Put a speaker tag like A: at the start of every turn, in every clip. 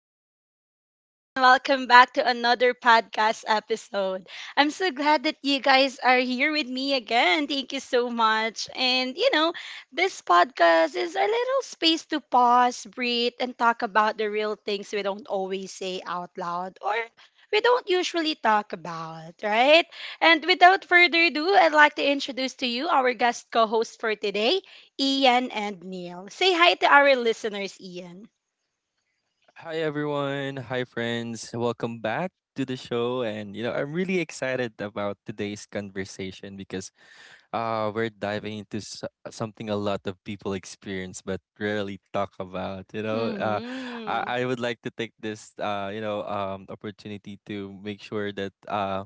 A: beautiful people, and welcome back to another podcast episode. I'm so glad that you guys are here with me again. Thank you so much. And, this podcast is a little space to pause, breathe, and talk about the real things we don't always say out loud or we don't usually talk about, right? And without further ado, I'd like to introduce to you our guest co host for today. Ian and Neil. Say hi to our listeners, Ian.
B: Hi everyone, hi friends. Welcome back to the show and I'm really excited about today's conversation because we're diving into something a lot of people experience but rarely talk about, you know. Uh
A: Mm-hmm.
B: I, I would like to take this opportunity to make sure that um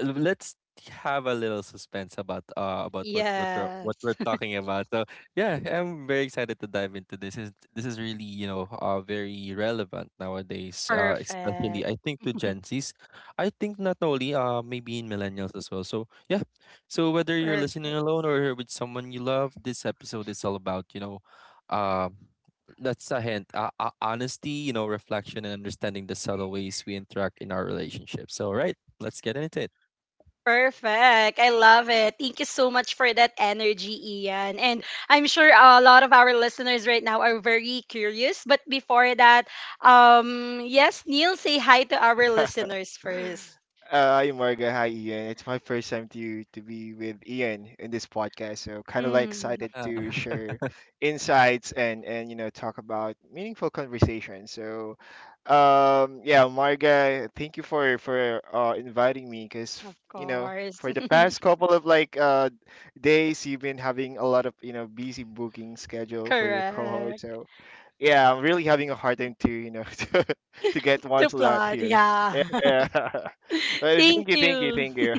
B: uh, let's have a little suspense about what
A: Yes.
B: we're talking about. So yeah, I'm very excited to dive into this. Is this is really very relevant nowadays, especially
A: Perfect.
B: I think to Gen Zs. I think not only maybe in millennials as well. So yeah, so whether you're listening
A: Perfect.
B: alone or with someone you love, this episode is all about uh that's a hint. Honesty, you know, reflection, and understanding the subtle ways we interact in our relationship. So, right, let's get into it.
A: Perfect. I love it. Thank you so much for that energy, Ian. And I'm sure a lot of our listeners right now are very curious. But before that, yes, Neil, say hi to our listeners first.
C: Hi Marga, hi Ian. It's my first time to be with Ian in this podcast, so kind of like
A: Mm,
C: excited
B: Yeah,
C: to share
B: of
C: insights and talk about meaningful conversation. So, yeah, Marga, thank you for inviting me because
A: of course.
C: for the past couple of days you've been having a lot of busy booking schedule for your co-host.
A: Correct.
C: So yeah, I'm really having a hard time to, to get one
A: To
C: slot
A: plot.
C: here.
A: Yeah.
C: Yeah, yeah. Well,
A: Thank you.
C: thank you.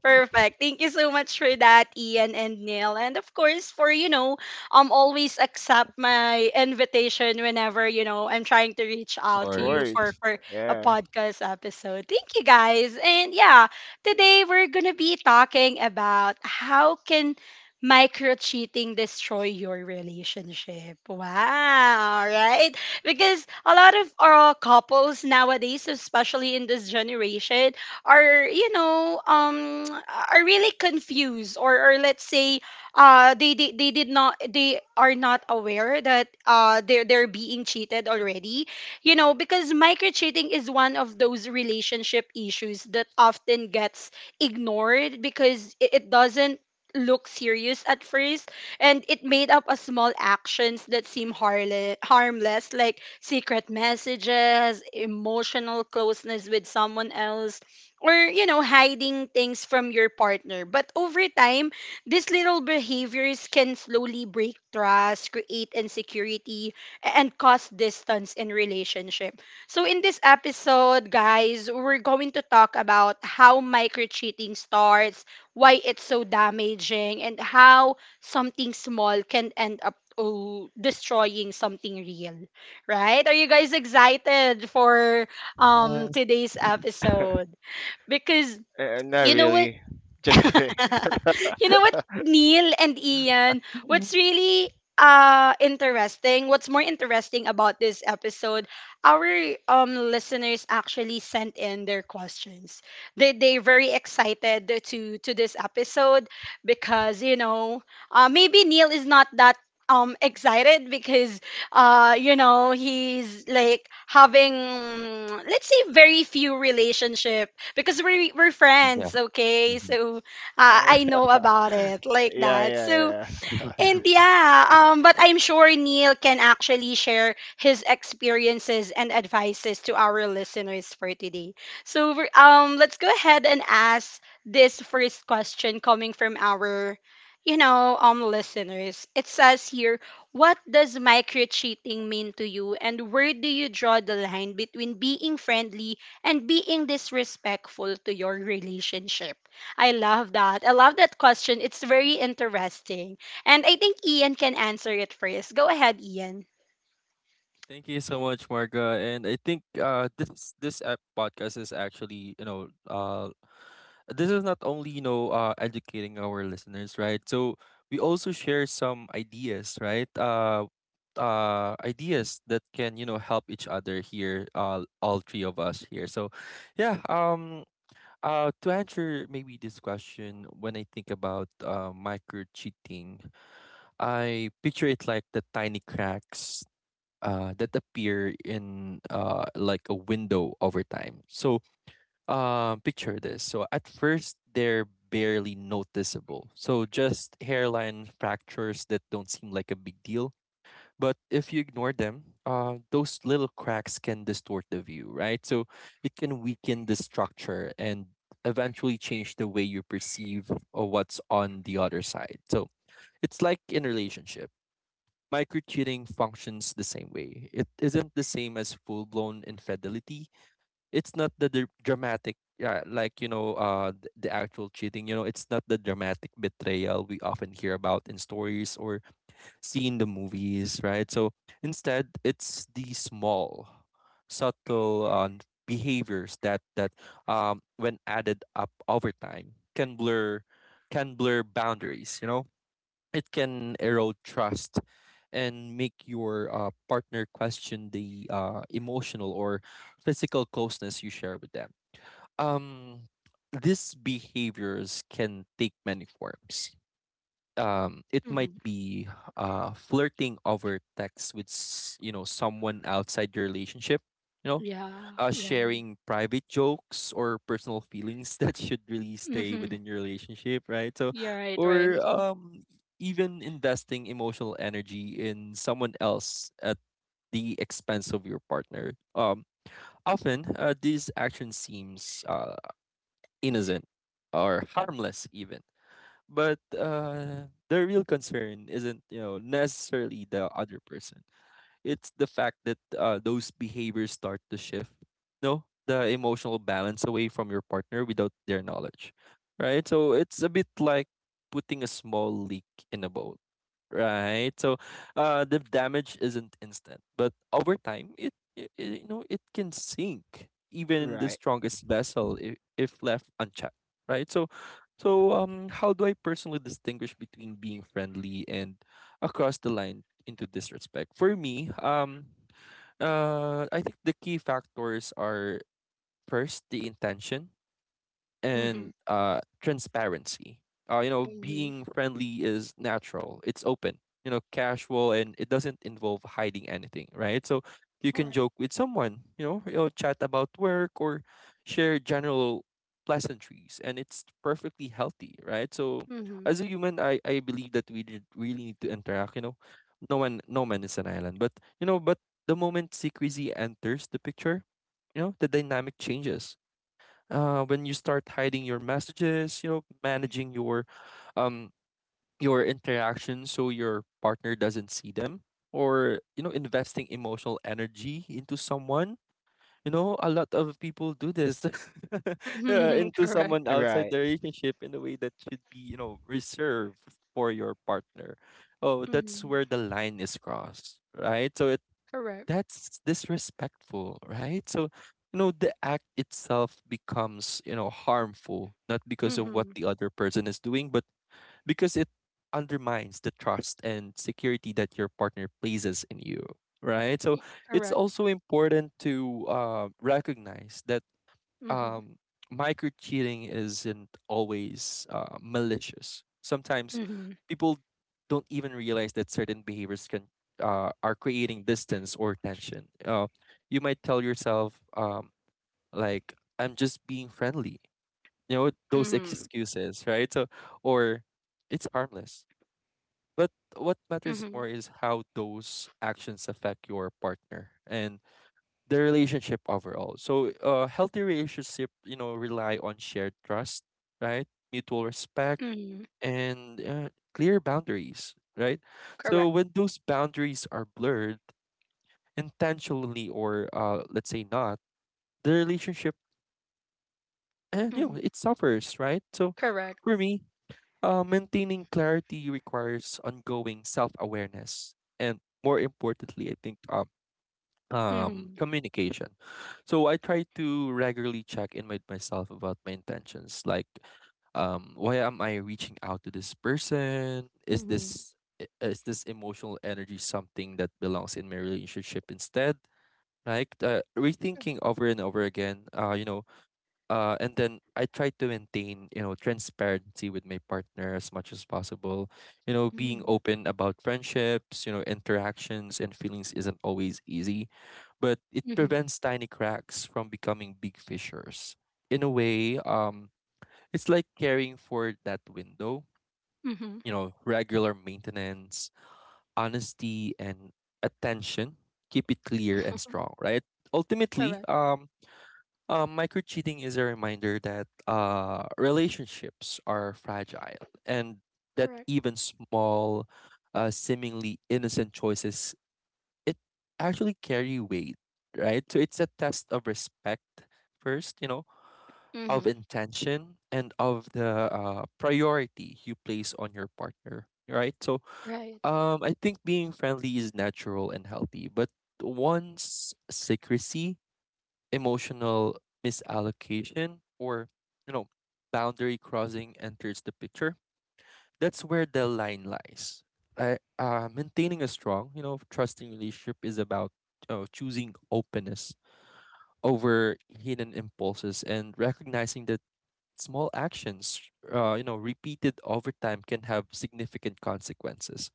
A: Perfect. Thank you so much for that, Ian and Neil. And of course, for, always accept my invitation whenever, I'm trying to reach out
C: Of
A: to you
B: course.
C: course.
A: for a
C: Yeah.
A: podcast episode. Thank you guys. And yeah, today we're going to be talking about how can micro cheating destroy your relationship. Wow, right? Because a lot of our couples nowadays, especially in this generation, are are really confused or let's say they did not they are not aware that they're being cheated already, you know, because microcheating is one of those relationship issues that often gets ignored because it doesn't look serious at first, and it made up a small actions that seem harmless, like secret messages, emotional closeness with someone else, or you know, hiding things from your partner. But over time, these little behaviors can slowly break trust, create insecurity, and cause distance in relationship. So in this episode, guys, we're going to talk about how micro cheating starts, why it's so damaging, and how something small can end up, destroying something real, right? Are you guys excited for
B: Yes.
A: today's episode? Because
C: Not
A: you know what
C: really. Just kidding.
A: you know what, Neil and Ian,
B: Mhm.
A: what's really interesting, what's more interesting about this episode, our listeners actually sent in their questions. They very excited to this episode because, you know, maybe Neil is not that excited because you know he's like having, mm, let's say very few relationship because we're
B: Yeah.
A: friends, okay?
B: Mhm.
A: So
C: Uh,
A: I know about it, like
C: yeah,
A: that. So,
C: yeah, yeah.
A: and yeah, but I'm sure Neil can actually share his experiences and advices to our listeners for today. Let's go ahead and ask this first question coming from our, listeners. It says here, what does micro cheating mean to you, and where do you draw the line between being friendly and being disrespectful to your relationship? I love that. I love that question. It's very interesting. And I think Ian can answer it first. Go ahead, Ian.
B: Thank you so much, Marga. And I think this podcast is actually, you know, this is not only, you know, educating our listeners, right? So we also share some ideas, right? Ideas that can, you know, help each other here, all three of us here. So yeah, to answer maybe this question, when I think about micro cheating, I picture it like the tiny cracks that appear in like a window over time. So, picture this. So, at first, they're barely noticeable. So, just hairline fractures that don't seem like a big deal, but if you ignore them, those little cracks can distort the view, right? So it can weaken the structure and eventually change the way you perceive of what's on the other side. So it's like in a relationship. Micro cheating functions the same way. It isn't the same as full blown infidelity. It's not the dramatic, yeah, like you know, the actual cheating. You know, it's not the dramatic betrayal we often hear about in stories or see in the movies, right? So instead, it's the small, subtle behaviors that, when added up over time, can blur boundaries. You know, it can erode trust and make your partner question the emotional or physical closeness you share with them. Um, these behaviors can take many forms. It might
A: Mm-hmm.
B: be flirting over text with you know, someone outside your relationship, you know,
A: Yeah, yeah.
B: sharing private jokes or personal feelings that should really stay
A: Mm-hmm.
B: within your relationship, right? So,
A: You're right, right.
B: or um, even investing emotional energy in someone else at the expense of your partner. Often these actions seems innocent or harmless even, but the real concern isn't, you know, necessarily the other person. It's the fact that those behaviors start to shift, no, the emotional balance away from your partner without their knowledge, right? So it's a bit like putting a small leak in a bowl, right? So, the damage isn't instant, but over time, you know, it can sink even the
C: Right,
B: strongest vessel if left unchecked, right? So, so how do I personally distinguish between being friendly and across the line into disrespect? For me, I think the key factors are first the intention
A: Mm-hmm.
B: and transparency. You know,
A: Mm-hmm.
B: being friendly is natural. It's open. You know, casual, and it doesn't involve hiding anything, right? So you can
A: Correct.
B: joke with someone. You know, chat about work or share general pleasantries, and it's perfectly healthy, right? So
A: Mm-hmm.
B: as a human, I believe that we did really need to interact. You know, no one, no man is an island, but you know, but the moment secrecy enters the picture, you know, the dynamic changes. When you start hiding your messages, you know, managing um your interactions so your partner doesn't see them, or you know, investing emotional energy into someone, you know, a lot of people do this, yeah,
A: Mm-hmm.
B: into
A: Correct.
B: someone outside
C: right.
B: the relationship in a way that should be, you know, reserved for your partner, oh, that's
A: Mm-hmm.
B: where the line is crossed, right? So
A: Correct.
B: that's disrespectful, right? So, you know, the act itself becomes, you know, harmful, not because of what
A: Mm-hmm.
B: the other person is doing, but because it undermines the trust and security that your partner places in you, right? So, it's
A: Correct.
B: also important to recognize that
A: Mm-hmm.
B: um, micro cheating isn't always malicious. Sometimes
A: Mm-hmm.
B: people don't even realize that certain behaviors can are creating distance or tension. You might tell yourself, like, "I'm just being friendly," you know, those
A: Mm-hmm.
B: excuses, right? So, or it's harmless. But what matters
A: Mm-hmm.
B: more is how those actions affect your partner and the relationship overall. So uh, healthy relationship, you know, rely on shared trust, right? Mutual respect
A: Mm-hmm.
B: and clear boundaries, right? So
A: Correct.
B: when those boundaries are blurred intentionally or uh, let's say not, the relationship and you know,
A: Mm-hmm.
B: it suffers, right? So
A: Correct.
B: for me, maintaining clarity requires ongoing self-awareness and more importantly, I think
A: Mm-hmm.
B: communication. So I try to regularly check in with myself about my intentions, like, um, why am I reaching out to this person? Is
A: Mm-hmm.
B: this is this emotional energy something that belongs in my relationship instead? Like, rethinking over and over again, uh, you know, and then I try to maintain, you know, transparency with my partner as much as possible. You know, being
A: Mm-hmm.
B: open about friendships, you know, interactions and feelings isn't always easy, but it
A: Mm-hmm.
B: prevents tiny cracks from becoming big fissures. In a way, it's like caring for that window.
A: Mm-hmm.
B: You know, regular maintenance, honesty, and attention keep it clear and strong, right? Ultimately,
A: Correct.
B: micro cheating is a reminder that relationships are fragile, and that
A: Correct.
B: even small, seemingly innocent choices, it actually carry weight, right? So it's a test of respect first, you know, of
A: Mm-hmm.
B: intention and of the priority you place on your partner, right? So
A: Right.
B: I think being friendly is natural and healthy, but once secrecy, emotional misallocation, or you know, boundary crossing enters the picture, that's where the line lies. I, maintaining a strong, you know, trusting relationship is about, you know, choosing openness over hidden impulses and recognizing that small actions, you know, repeated over time, can have significant consequences.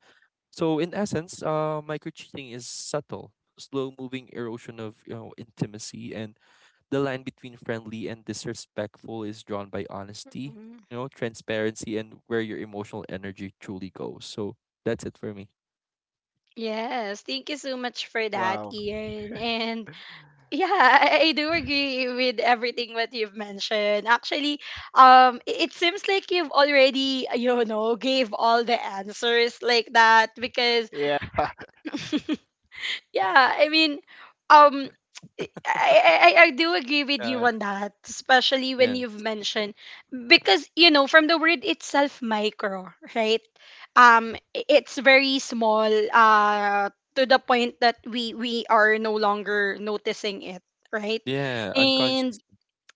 B: So in essence, micro cheating is subtle, slow moving erosion of, you know, intimacy, and the line between friendly and disrespectful is drawn by honesty,
A: Mm.
B: you know, transparency, and where your emotional energy truly goes. So that's it for me.
A: Yes, thank you so much for that,
C: Wow.
A: Ian. And yeah, I do agree with everything what you've mentioned. Actually, it seems like you've already, you know, gave all the answers like that because,
C: Yeah.
A: yeah, I mean, um, I, I do agree with you
B: Yeah,
A: on that, especially when
B: yeah,
A: you've mentioned because, you know, from the word itself, micro, right? It's very small, to the point that we are no longer noticing it, right?
B: yeah.
A: And
B: Unconscious.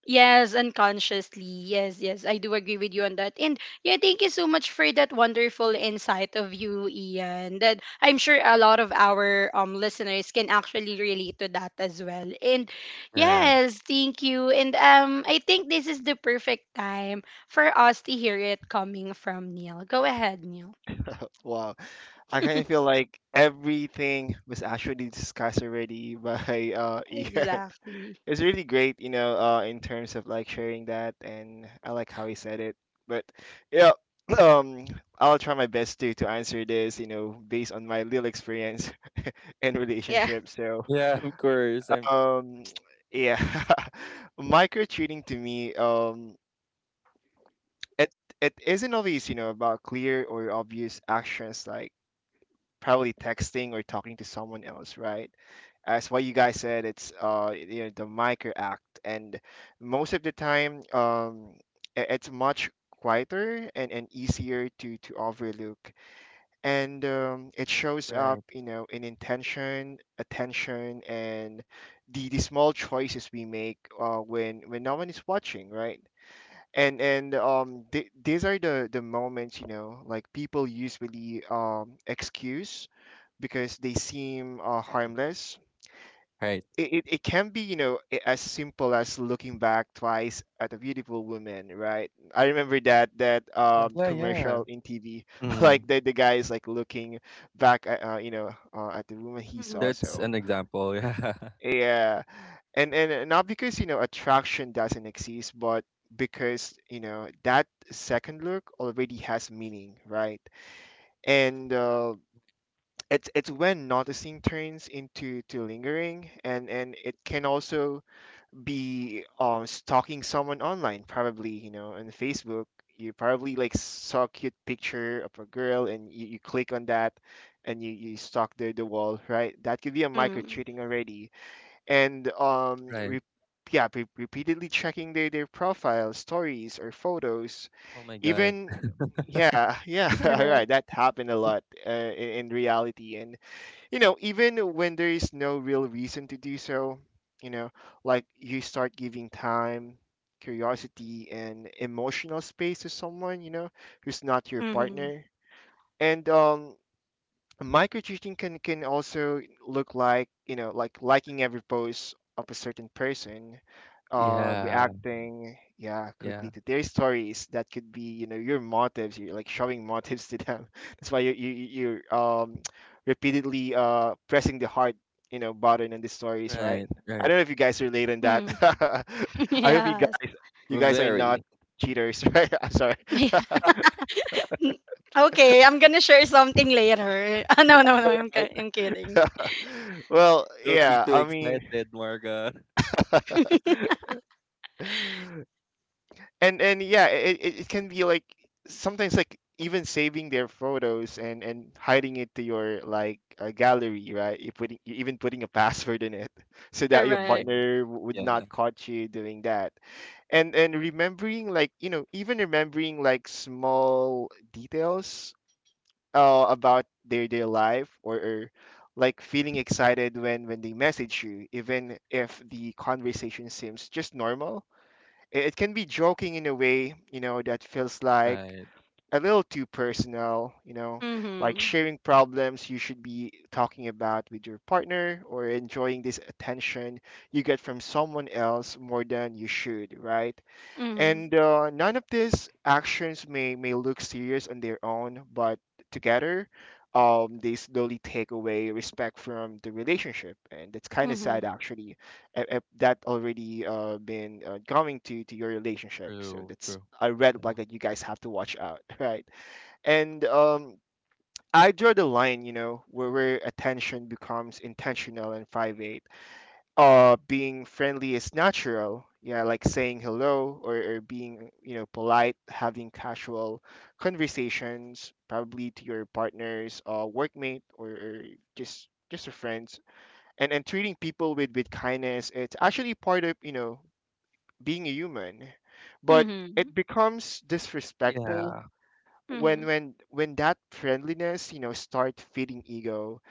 A: yes, unconsciously. Yes, yes. I do agree with you on that. And yeah, thank you so much for that wonderful insight of you, Ian. That I'm sure a lot of our listeners can actually relate to that as well. And
B: Yeah,
A: yes, thank you. And I think this is the perfect time for us to hear it coming from Neil. Go ahead, Neil.
C: Wow. I kind of feel like everything was actually discussed already by Ian.
A: Exactly.
C: It's really great, you know, in terms of like sharing that, and I like how he said it. But yeah, um, I'll try my best to answer this, you know, based on my little experience and
A: Yeah.
C: relationship. So,
B: yeah. Of course, I'm
C: um, yeah, micro cheating to me, it it isn't always, you know, about clear or obvious actions like probably texting or talking to someone else, right? As what you guys said, it's you know, the micro act, and most of the time, it's much quieter and easier to overlook, and it shows up,
B: right,
C: you know, in intention, attention, and the small choices we make when no one is watching, right? And these are the moments, you know, like people usually excuse because they seem
B: right,
C: harmless.
B: right.
C: It, it can be, you know, as simple as looking back twice at a beautiful woman, right? I remember that
B: Yeah, yeah.
C: commercial in TV
B: Mm,
C: like the guy is like looking back at, at the woman he saw.
A: Mm-hmm.
B: that's
C: So
B: an example. Yeah,
C: yeah, and not because, you know, attraction doesn't exist, but because, you know, that second look already has meaning, right? And it's when noticing turns into to lingering. And it can also be stalking someone online, probably, you know, on Facebook. You probably like saw a cute picture of a girl and you click on that, and you stalk the wall, right? That could be a micro
A: Mm-hmm.
C: cheating already. And
B: right.
C: yeah, repeatedly checking their profile, stories, or photos
B: Oh my God.
C: even. Yeah yeah, all right,
A: Correct.
C: that happened a lot in reality. And you know, even when there is no real reason to do so, you know, like you start giving time, curiosity, and emotional space to someone, you know, who's not your
A: Mm-hmm.
C: partner. And micro cheating can also look like, you know, like liking every post of a certain person,
B: Yeah,
C: reacting yeah
B: yeah.
C: quickly to their stories. That could be, you know, your motives. You're like showing motives to them that's why you're repeatedly pressing the heart, you know, button on the stories, right?
B: Right,
C: I
B: right.
C: don't know if you guys relate on that.
A: Mm-hmm.
C: I hope you
A: Yes.
C: guys, you
B: We're
C: guys are not
B: very.
C: cheaters. Right, I'm sorry.
A: Mm. Okay, I'm gonna share something later. Ah, no, no, no, I'm,
C: Right.
A: I'm kidding.
C: Well,
B: Don't be
C: yeah,
B: too
C: I mean,
B: excited, Marga.
C: and yeah, it it can be like sometimes like even saving their photos and hiding it to your like, gallery, right? You putting, you even putting a password in it so that your
B: Mm, yeah,
A: Correct.
C: partner would not
B: yeah.
C: catch you doing that. And remembering like, you know, even remembering like small details about their life, or like feeling excited when they message you, even if the conversation seems just normal. It can be joking in a way, you know, that feels like
B: Right.
C: a little too personal, you know, like
A: Mm-hmm.
C: sharing problems you should be talking about with your partner, or enjoying this attention you get from someone else more than you should, right?
A: Mm-hmm.
C: And none of these actions may look serious on their own, but together, they slowly take away respect from the relationship. And that's kind of
A: Mm-hmm.
C: sad, actually, if that already been going to your relationship. So
B: True,
C: that's
B: true.
C: a red
B: Yeah.
C: flag that you guys have to watch out, right? And I draw the line, you know, where attention becomes intentional and private. Being friendly is natural, yeah, like saying hello, or being, you know, polite, having casual conversations, probably to your partners workmate, or just your friends. And treating people with kindness, it's actually part of, you know, being a human. But
A: Mm-hmm.
C: it becomes disrespectful
B: Yeah,
C: when
A: Mm-hmm.
C: when that friendliness, you know, start feeding ego,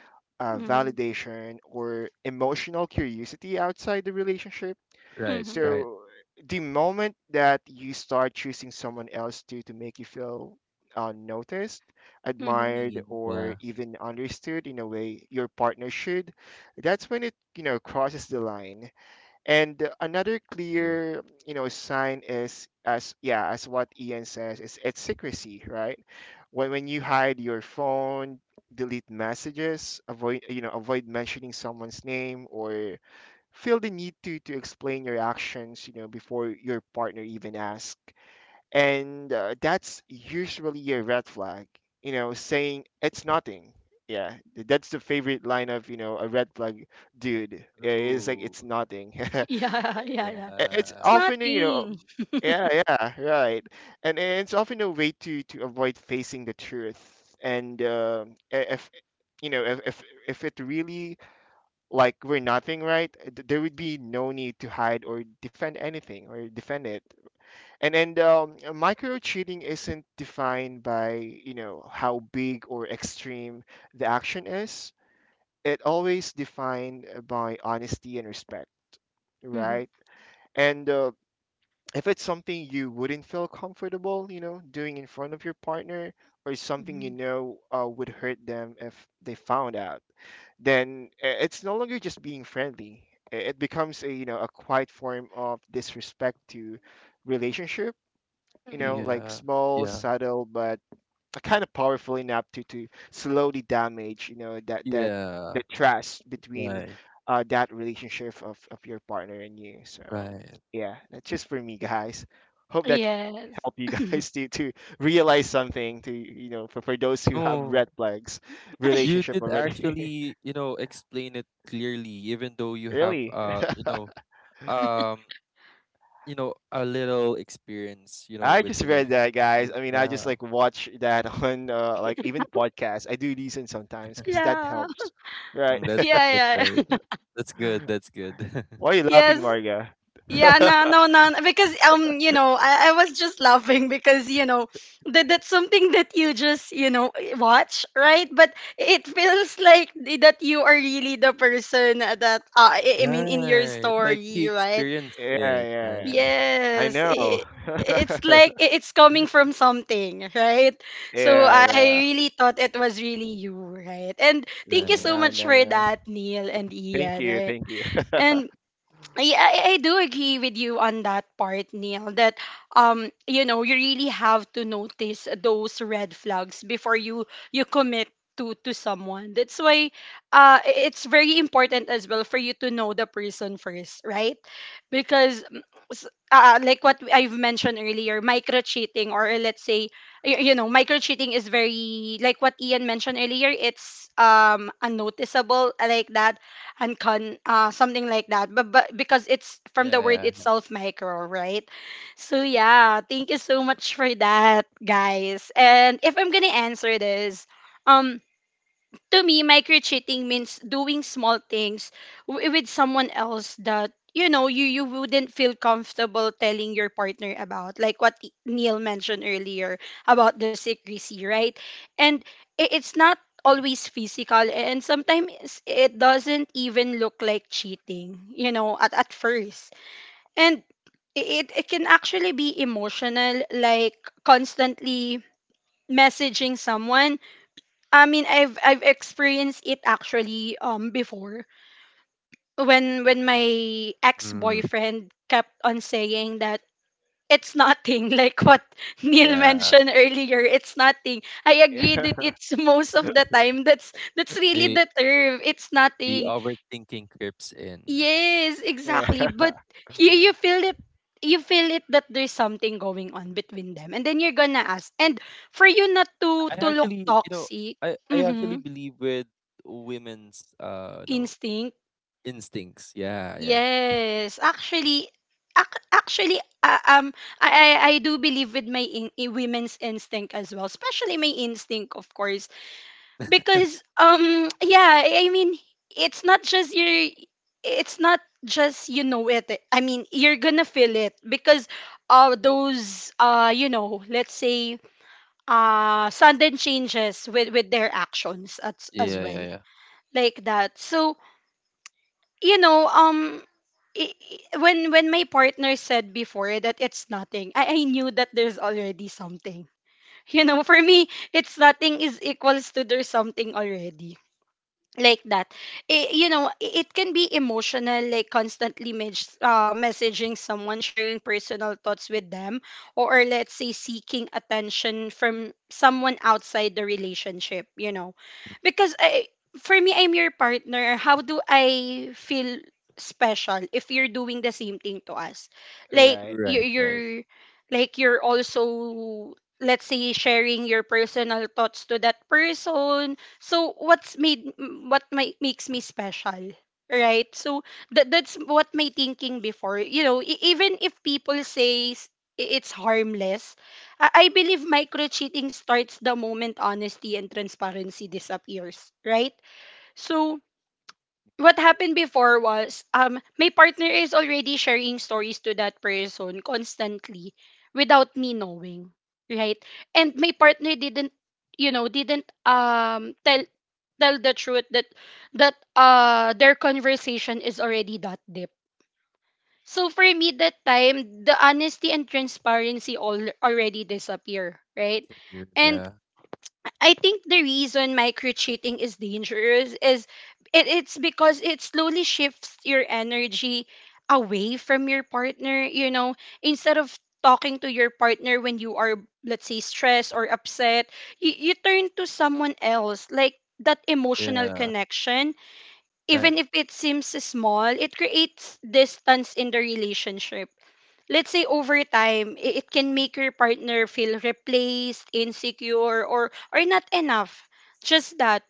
A: Mm-hmm.
C: validation, or emotional curiosity outside the relationship.
B: right,
A: Mm-hmm.
B: right.
C: So the moment that you start choosing someone else to make you feel, noticed,
A: Mm-hmm.
C: admired,
B: Scene.
C: or
B: Yeah.
C: even understood in a way your partner should, that's when it, you know, crosses the line. And another
B: Agree.
C: clear, you know, sign is, as yeah, as what Ian says, is it's secrecy, right? When you hide your phone, delete messages, avoid, you know, avoid mentioning someone's name, or feel the need to explain your actions, you know, before your partner even asks. And that's usually a red flag, you know, saying it's nothing. Yeah, that's the favorite line of, you know, a red flag dude. It's like
B: True.
C: it's nothing.
A: Yeah, yeah, yeah.
C: It's
A: It's
B: Yeah.
C: often, you know,
A: nothing.
C: yeah, yeah, right. And it's often a way to avoid facing the truth. And if, you know, if it really like we're nothing, right? There would be no need to hide or defend anything, or defend it. And micro cheating isn't defined by, you know, how big or extreme the action is. It always defined by honesty and respect,
A: Mm-hmm.
C: right? And if it's something you wouldn't feel comfortable, you know, doing in front of your partner, or something, you
A: Mm-hmm.
C: know, would hurt them if they found out, then it's no longer just being friendly. It becomes a, you know, a quiet form of disrespect to relationship. You know,
A: Mm-hmm.
C: like
B: Yeah,
C: small,
B: yeah,
C: subtle, but a kind of powerful enough to slowly damage, you know, that
B: yeah.
C: the trust between
B: Right,
C: that relationship of your partner and you. So
B: right.
C: yeah, that's just for me, guys. Hope that
A: Yes.
C: helped you guys to realize something to, you know, for those who have
B: No,
C: red flags
B: you
C: relationship
B: did
C: already.
B: actually, you know, explain it clearly, even though you have,
C: Really,
B: um, you know, a little experience, you know,
C: I
B: with
C: just read
B: relationships.
C: that guys,
B: So,
C: I mean, I just
B: yeah,
C: like watch that on, like even podcasts, I do listen sometimes because that
A: Yeah.
C: helps, right?
B: mm, that's
A: Yeah,
B: right.
A: yeah. yeah.
B: That's good. That's good.
C: Why are you
A: Yes,
C: laughing, Marga?
A: yeah, no, no, no, no, because you know, I was just laughing because you know that that's something that you just you know watch, right? But it feels like that you are really the person that I mean in your
B: Right, like
A: story,
B: he
A: right?
B: experienced
C: Yeah,
B: it.
C: yeah,
B: Right,
C: yeah. I
A: Yes,
C: know.
A: it's like it's coming from something, right? So
C: Yeah,
A: I
C: yeah.
A: really thought it was really you, right? And thank you so
B: right.
C: No,
A: much for
C: no, no.
A: that, Neil and Ian, right?
C: Thank you.
A: And I I do agree with you on that part, Neil, that you know you really have to notice those red flags before you commit to someone. That's why it's very important as well for you to know the person first, right? Because mm, s- like what I've mentioned earlier, micro cheating or let's say you know micro cheating is very like what Ian mentioned earlier. It's unnoticeable like that and con something like that, but because it's from the word
B: Yeah,
A: itself, micro, right? So yeah, thank you so much for that, guys. And if I'm gonna answer this, um to me, micro-cheating means doing small things with someone else that you know you you wouldn't feel comfortable telling your partner about, like what Neil mentioned earlier about the secrecy, right? And it's not always physical, and sometimes it doesn't even look like cheating, you know, at first. And it can actually be emotional, like constantly messaging someone. I mean, I've experienced it actually before, when my
B: mm,
A: ex-boyfriend kept on saying that it's nothing, like what Neil
B: yeah.
A: mentioned earlier, it's nothing. I agree that
C: Yeah,
A: it's most of the time that's really
B: The
A: the term, it's
B: the
A: nothing.
B: overthinking creeps in.
A: Yes,
C: yeah.
A: exactly. But you feel it, you feel it that there's something going on between them, and then you're gonna ask, and for you not to
B: I
A: look
B: actually, you know,
A: toxic.
B: I actually
A: Mhm.
B: believe with women's uh, no,
A: Instinct.
B: instincts. Yeah, yeah.
A: Yes, actually, ac- actually, uh, um, I, I do believe with my in women's instinct as well, especially my instinct, of course, because yeah, I mean, it's not just your, it's not just you know it. I mean, you're gonna feel it because uh
B: Mm.
A: those uh you know, let's say sudden changes with their actions as
B: Yeah, yeah,
A: well
B: yeah.
A: like that. So you know, when my partner said before that it's nothing, I knew that there's already something. You know, for me, it's nothing is equals to there's something already, like that. I you know I- it can be emotional, like constantly messaging someone, sharing personal thoughts with them, or let's say seeking attention from someone outside the relationship, you know. Because for me, I'm your partner. How do I feel special if you're doing the same thing to us? Like
C: Right,
B: Right, right.
A: you're like you're also let's say sharing your personal thoughts to that person. So what's made m- what my, makes me special, right? So that that's what my thinking before. You know, e- even if people say it's harmless, I believe micro cheating starts the moment honesty and transparency disappears, right? So what happened before was, my partner is already sharing stories to that person constantly without me knowing, right? And my partner didn't, tell, the truth that their conversation is already that deep. So for me, that time, the honesty and transparency all already disappear, right?
B: Disappeared.
A: And
B: Yeah,
A: I think the reason micro cheating is dangerous is it's because it slowly shifts your energy away from your partner, you know. Instead of talking to your partner when you are, let's say, stressed or upset, you turn to someone else. Like that emotional
B: yeah,
A: connection,
B: right.
A: even if it seems small, it creates distance in the relationship. Let's say over time, it can make your partner feel replaced, insecure, or not enough. Just that,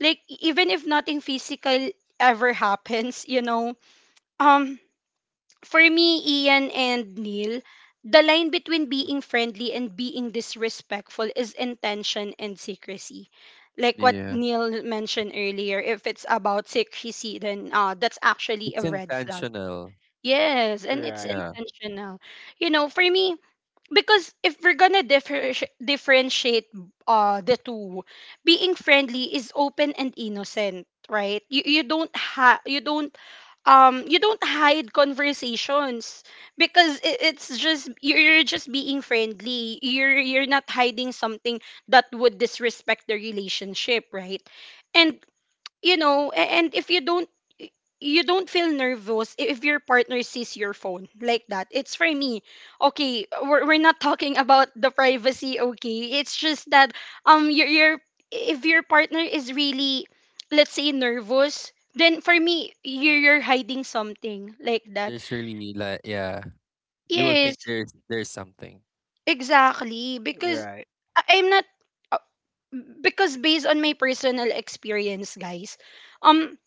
A: like, even if nothing physical ever happens. Um for me, Ian and Neil, the line between being friendly and being disrespectful is intention and secrecy. Like what
B: Yeah,
A: Neil mentioned earlier, if it's about secrecy, then that's actually
B: it's
A: a red flag.
B: intentional.
A: Yes, and it's
C: right,
B: Yeah,
A: intentional, you know. For me, because if we're gonna differentiate the two, being friendly is open and innocent, right? You you don't ha- you don't um you don't hide conversations, because it's just you're just being friendly, you're not hiding something that would disrespect the relationship, right? And you know, and if you don't, you don't feel nervous if your partner sees your phone, like that, it's for me. Okay, we're not talking about the privacy, okay, it's just that, your if your partner is really, let's say, nervous, then for me you're hiding something like that.
B: there's really like yeah, you will think
A: Yes,
B: there's something.
A: exactly. Because
C: right.
A: I'm not, uh, because based on my personal experience, guys, um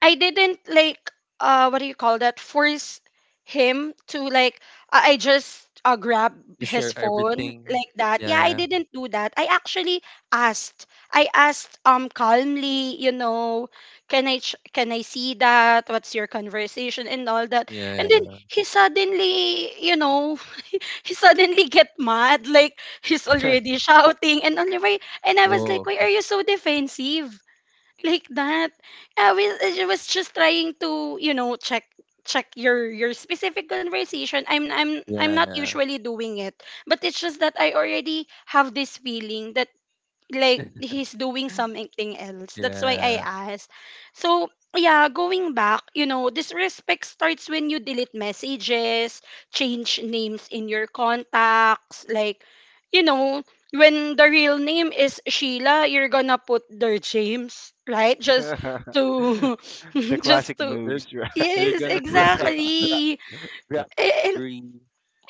A: I didn't, like, what do you call that, force him to, like, I just grab
B: You share
A: his phone
B: everything.
A: like that.
B: Yeah,
A: Yeah, I
B: yeah,
A: didn't do that. I actually asked. I asked calmly, you know, can can I see that? What's your conversation and all that?
B: yeah.
A: And then
B: Yeah.
A: he suddenly, you know, he suddenly get mad, like he's already shouting and all the way. And I was
B: Oh,
A: like, "Why
B: okay.
A: are you so defensive?" Like that. I was just trying to, you know, check your specific conversation. I'm
B: Yeah,
A: not
B: yeah,
A: usually doing it, but it's just that I already have this feeling that, like, he's doing something else. That's why I
B: yeah.
A: asked. So yeah, going back, you know, disrespect starts when you delete messages, change names in your contacts, like, you know, when the real name is Sheila, you're gonna put their James, right? Just to
C: The
A: just
C: classic
A: to.
B: You're,
C: moves, right?
B: you're
A: Yes,
B: gonna put the gra-
A: exactly.
B: grab
A: And
B: delivery,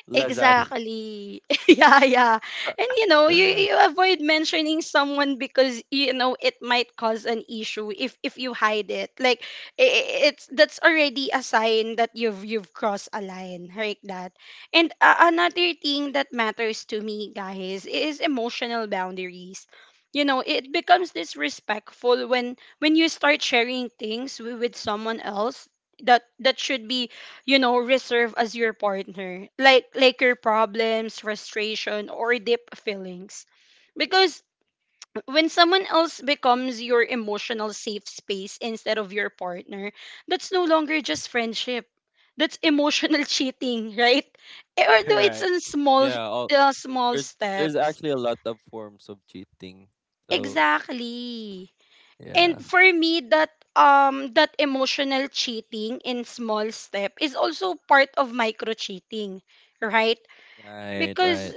B: Lazada.
A: exactly. Yeah, yeah. And you know, you avoid mentioning someone because you know it might cause an issue if you hide it. Like, I- it's that's already a sign that you've crossed a line, like that. And another thing that matters to me, guys, is emotional boundaries. You know, it becomes disrespectful when you start sharing things with someone else that should be, you know, reserve as your partner, like your problems, frustration, or deep feelings, because when someone else becomes your emotional safe space instead of your partner, that's no longer just friendship. That's emotional cheating, right? Although it's
C: Right,
A: in small,
B: Yeah, all,
A: small
B: there's there's
A: steps.
B: actually a lot of forms of cheating. So
A: Exactly. And
B: yeah,
A: for me, that emotional cheating in small step is also part of micro cheating, right?
B: right,
A: Because,
B: right,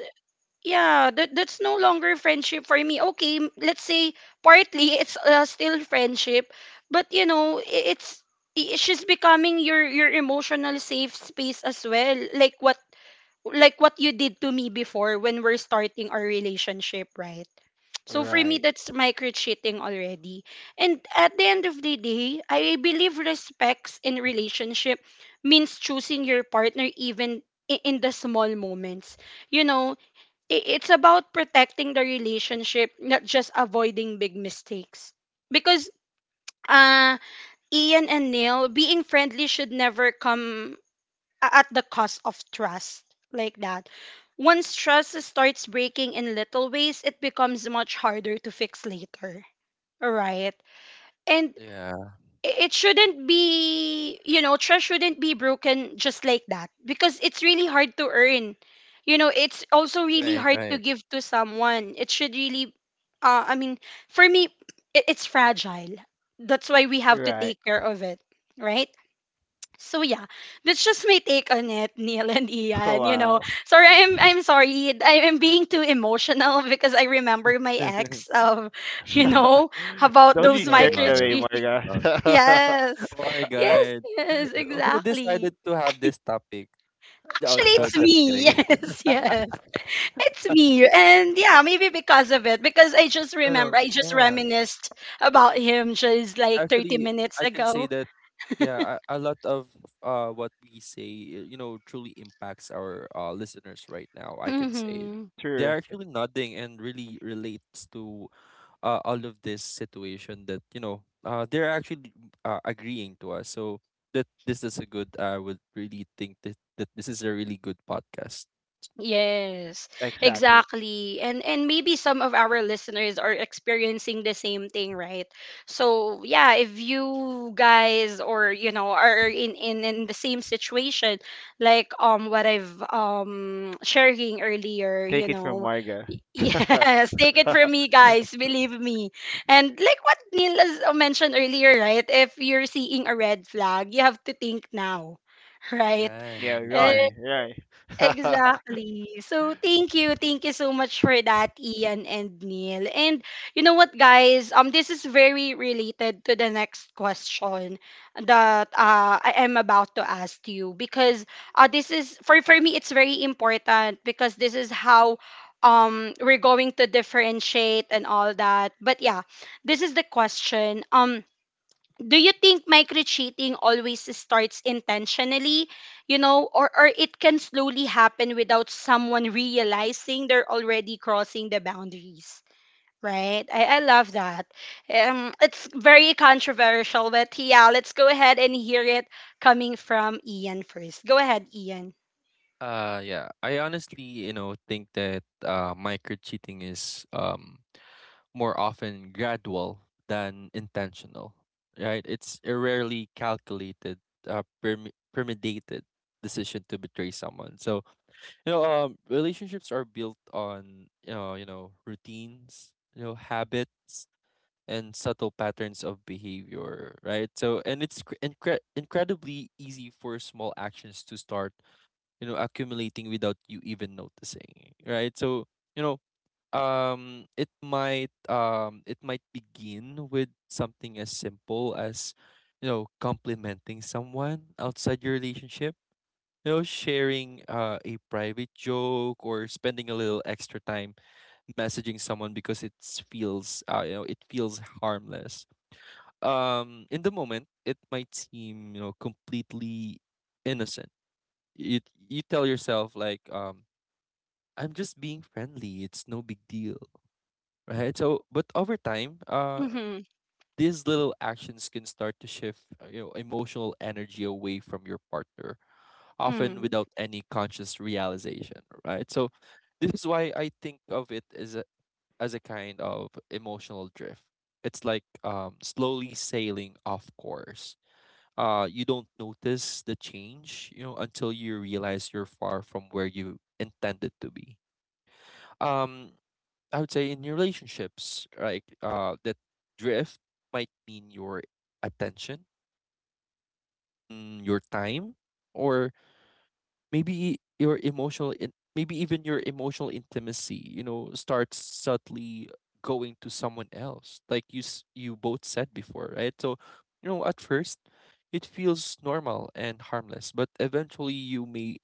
A: yeah, that's no longer friendship for me, okay. Let's say, partly it's, still friendship, but you know, she's becoming your emotional safe space as well, like what you did to me before when we're starting our relationship, right? So for me,
C: right,
A: that's micro cheating already. And at the end of the day, I believe respects in relationship means choosing your partner, even in the small moments, you know, it's about protecting the relationship, not just avoiding big mistakes. Because, uh, Ian and Neil, being friendly should never come at the cost of trust, like that. Once trust starts breaking in little ways, it becomes much harder to fix later. Right? And
B: yeah,
A: I- it shouldn't be you know trust shouldn't be broken just like that, because it's really hard to earn. You know, it's also really
B: right,
A: hard to
B: right.
A: give to someone. It should really, I mean, for me, it's fragile. That's why we have to
C: right.
A: take care of it, right? So yeah, that's just my take on it. Neil and Ian, you know.
C: Wow.
A: Sorry, I'm sorry, I am being too emotional because I remember my ex of you
B: mm,
A: know, about
C: Don't
B: that's
A: those
C: be carried
B: normal.
C: away,
A: microchips.
B: Normal.
C: Marga.
A: Yes.
B: Oh my
A: Yes,
B: God,
A: yes,
B: who
A: exactly.
B: decided to have this topic? Oh,
A: Actually,
B: no,
A: it's
B: just
A: me.
B: kidding.
A: Yes, yes. It's me. And yeah, maybe because of it, because I just
B: no,
A: remember,
B: no,
A: I just
B: yeah.
A: reminisced about him just like 30
B: Actually,
A: minutes
B: I can say
A: ago.
B: that yeah, a lot of what we say, you know, truly impacts our uh, listeners right now. I can say
A: Hmm.
C: True.
B: they're actually nodding and really relates to all of this situation that you know they're actually agreeing to us, so that this is a good, I would really think that this is a really good podcast.
A: Yes,
C: Exactly.
A: exactly. And maybe some of our listeners are experiencing the same thing, right? So, yeah, if you guys, or you know, are in the same situation, like what I've, sharing earlier,
C: Take
A: you
C: it from
A: know,
C: Marga.
A: Yes, take it from me, guys, believe me. And like what Neil has mentioned earlier, right? If you're seeing a red flag, you have to think now, right?
B: Right,
C: Yeah, run,
B: right.
C: run.
A: Exactly. So thank you. Thank you so much for that, Ian and Neil. And you know what, guys? This is very related to the next question that, I am about to ask you, because, this is for me, it's very important because this is how we're going to differentiate and all that. But yeah, this is the question. Do you think micro-cheating always starts intentionally, you know, or it can slowly happen without someone realizing they're already crossing the boundaries? Right? I love that. It's very controversial, but yeah, let's go ahead and hear it, coming from Ian first. Go ahead, Ian.
B: Yeah, I honestly, you know, think that micro cheating is um, more often gradual than intentional, right? It's a rarely calculated, premeditated decision to betray someone. So, you know, relationships are built on, you know, routines, you know, habits and subtle patterns of behavior, right? So, and it's incredibly easy for small actions to start, you know, accumulating without you even noticing, right? So, you know, it might begin with something as simple as, complimenting someone outside your relationship, sharing a private joke or spending a little extra time messaging someone because it feels it feels harmless. In the moment it might seem completely innocent. you you tell yourself like I'm just being friendly, it's no big deal, right? So, but over time,
A: Mm-hmm.
B: these little actions can start to shift emotional energy away from your partner, often
A: Mm-hmm.
B: without any conscious realization, right? So, this is why I think of it as a kind of emotional drift. It's like slowly sailing off course. You don't notice the change, you know, until you realize you're far from where you intended to be. Um, I would say in your relationships, like that drift might mean your attention, your time, or maybe your maybe even your emotional intimacy. You know, starts subtly going to someone else, like you both said before, right? So, you know, at first, it feels normal and harmless, but eventually you may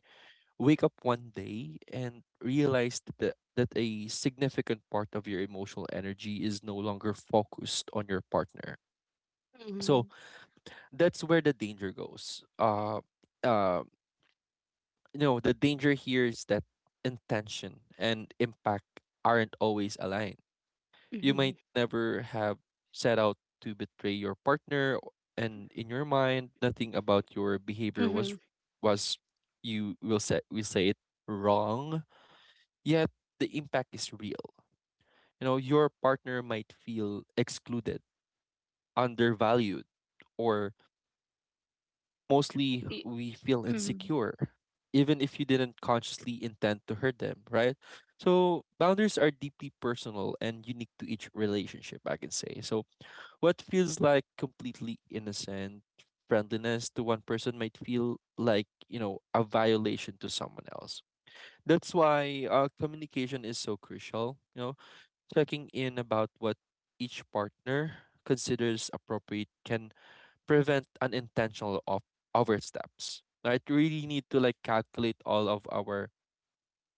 B: wake up one day and realize that a significant part of your emotional energy is no longer focused on your partner. So
A: Mm-hmm.
B: that's where the danger goes. Uh, you know, the danger here is that intention and impact aren't always aligned. You might never have set out to betray your partner, and in your mind, nothing about your behavior
A: Mm-hmm. Mm-hmm.
B: was was you will say we say it wrong. Yet the impact is real. You know, your partner might feel excluded, undervalued, or mostly we feel
A: Mm-hmm.
B: insecure, even if you didn't consciously intend to hurt them, right? So boundaries are deeply personal and unique to each relationship, I can say. So what feels like completely innocent friendliness to one person might feel like, you know, a violation to someone else. That's why communication is so crucial. You know, checking in about what each partner considers appropriate can prevent unintentional oversteps. I really need to like calculate all of our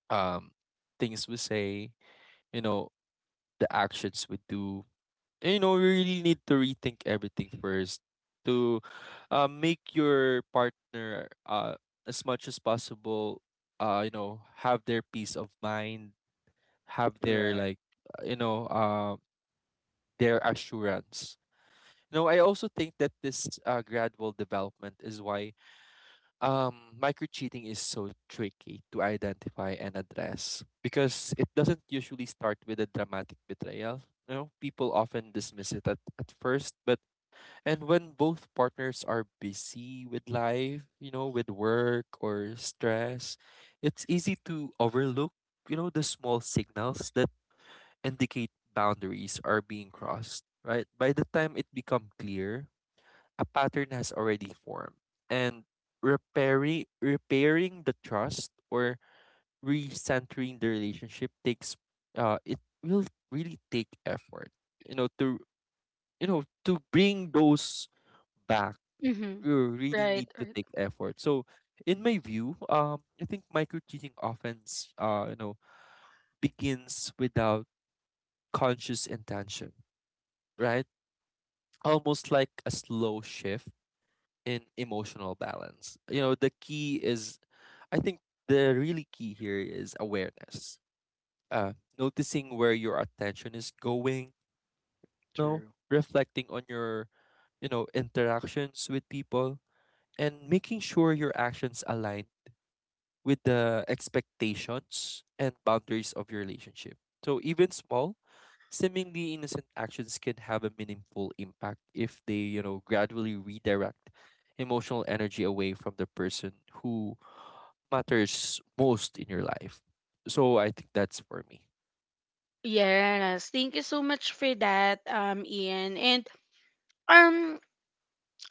B: um things we say, you know, the actions we do. And, you know, we really need to rethink everything first to make your partner as much as possible, have their peace of mind, have their
C: Right.
B: like uh, you know um their assurance. You know, I also think that this gradual development is why micro cheating is so tricky to identify and address because it doesn't usually start with a dramatic betrayal. You know, people often dismiss it at first, but and when both partners are busy with life, you know, with work or stress, it's easy to overlook, you know, the small signals that indicate boundaries are being crossed, right? By the time it become clear, a pattern has already formed. And repairing the trust or recentering the relationship takes it will really take effort. You know, to to bring those back,
A: Mm-hmm.
B: you really
A: Right,
B: need to
A: right.
B: take effort. So in my view, I think micro cheating offense, begins without conscious intention, right? Almost like a slow shift in emotional balance. You know, the key is, I think the really key here is awareness. Uh, Noticing where your attention is going, you know,
C: True.
B: reflecting on your, you know, interactions with people, and making sure your actions align with the expectations and boundaries of your relationship. So even small, seemingly innocent actions can have a meaningful impact if they, you know, gradually redirect emotional energy away from the person who matters most in your life. So I think that's for me.
A: Yes, thank you so much for that, Ian. And Um,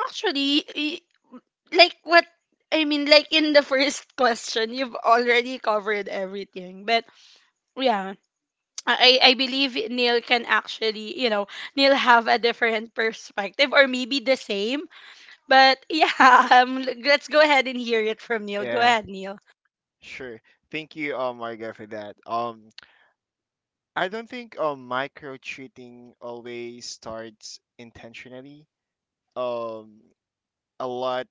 A: actually, like what I mean, like in the first question, you've already covered everything. But yeah, I believe Neil can actually, you know, Neil have a different perspective or maybe the same. But yeah, let's go ahead and hear it from Neil. Go
C: Yeah,
A: ahead, Neil.
C: sure. Thank you, Marga, for that. I don't think micro cheating always starts intentionally. Um, a lot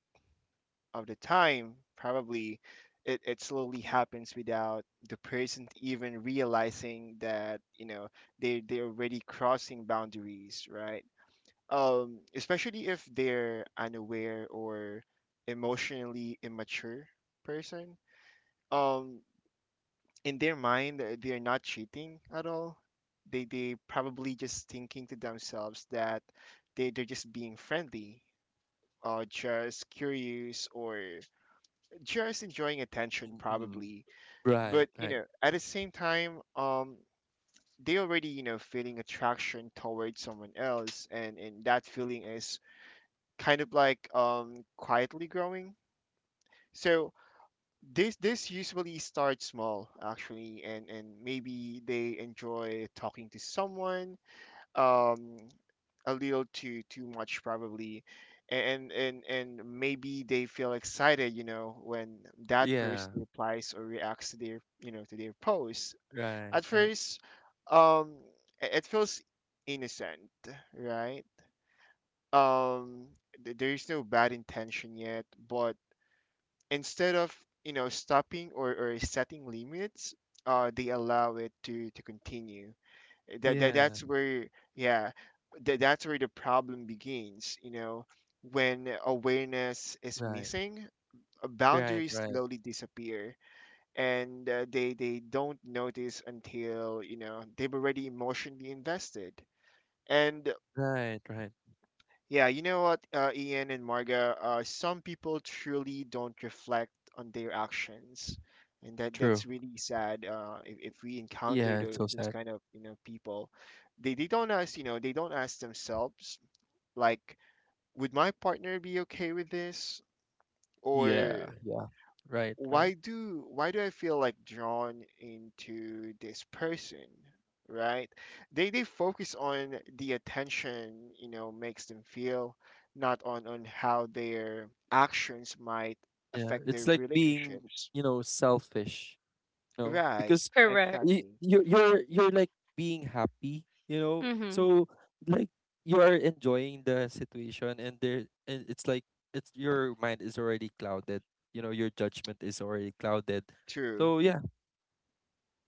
C: of the time, probably, it slowly happens without the person even realizing that, you know, they're already crossing boundaries, right? Especially if they're unaware or emotionally immature person. Um, in their mind, they're not cheating at all. They probably just thinking to themselves that they're just being friendly, or just curious, or just enjoying attention,
B: Mm-hmm.
C: probably.
B: Right,
C: But you
B: right.
C: know, at the same time, they already, you know, feeling attraction towards someone else, and that feeling is kind of like quietly growing. So this usually starts small, actually, and maybe they enjoy talking to someone, um a little too much probably. And and maybe they feel excited, you know, when that
B: Yeah,
C: person replies or reacts to their, you know, to their post.
B: right,
C: At
B: right.
C: first, um it feels innocent, right? um there's no bad intention yet, but instead of, you know, stopping, or setting limits, they allow it to continue.
B: Yeah,
C: That's where, yeah, that's where the problem begins, you know. When awareness is
B: right,
C: missing,
B: right,
C: boundaries
B: right,
C: slowly disappear, and they don't notice until, you know, they've already emotionally invested. And
B: right, right.
C: yeah, you know what, Ian and Marga, some people truly don't reflect on their actions, and
B: True.
C: that's really sad. If we encounter
B: Yeah, it's so
C: those
B: sad.
C: kind of, you know, people, they don't ask, you know, they don't ask themselves like, would my partner be okay with this? Or
B: Yeah, yeah. Right, right.
C: why do I feel like drawn into this person, right? They focus on the attention, you know, makes them feel, not on how their actions might
B: Yeah,
C: affect their
B: it's like being,
C: relationships.
B: you know, selfish, you know,
C: Right,
B: because
A: Correct.
B: you
C: exactly.
B: you're you're, you're like being happy, you know.
A: Mhm.
B: So like you are enjoying the situation, and there and it's like it's your mind is already clouded, you know, your judgment is already clouded,
C: True.
B: so yeah.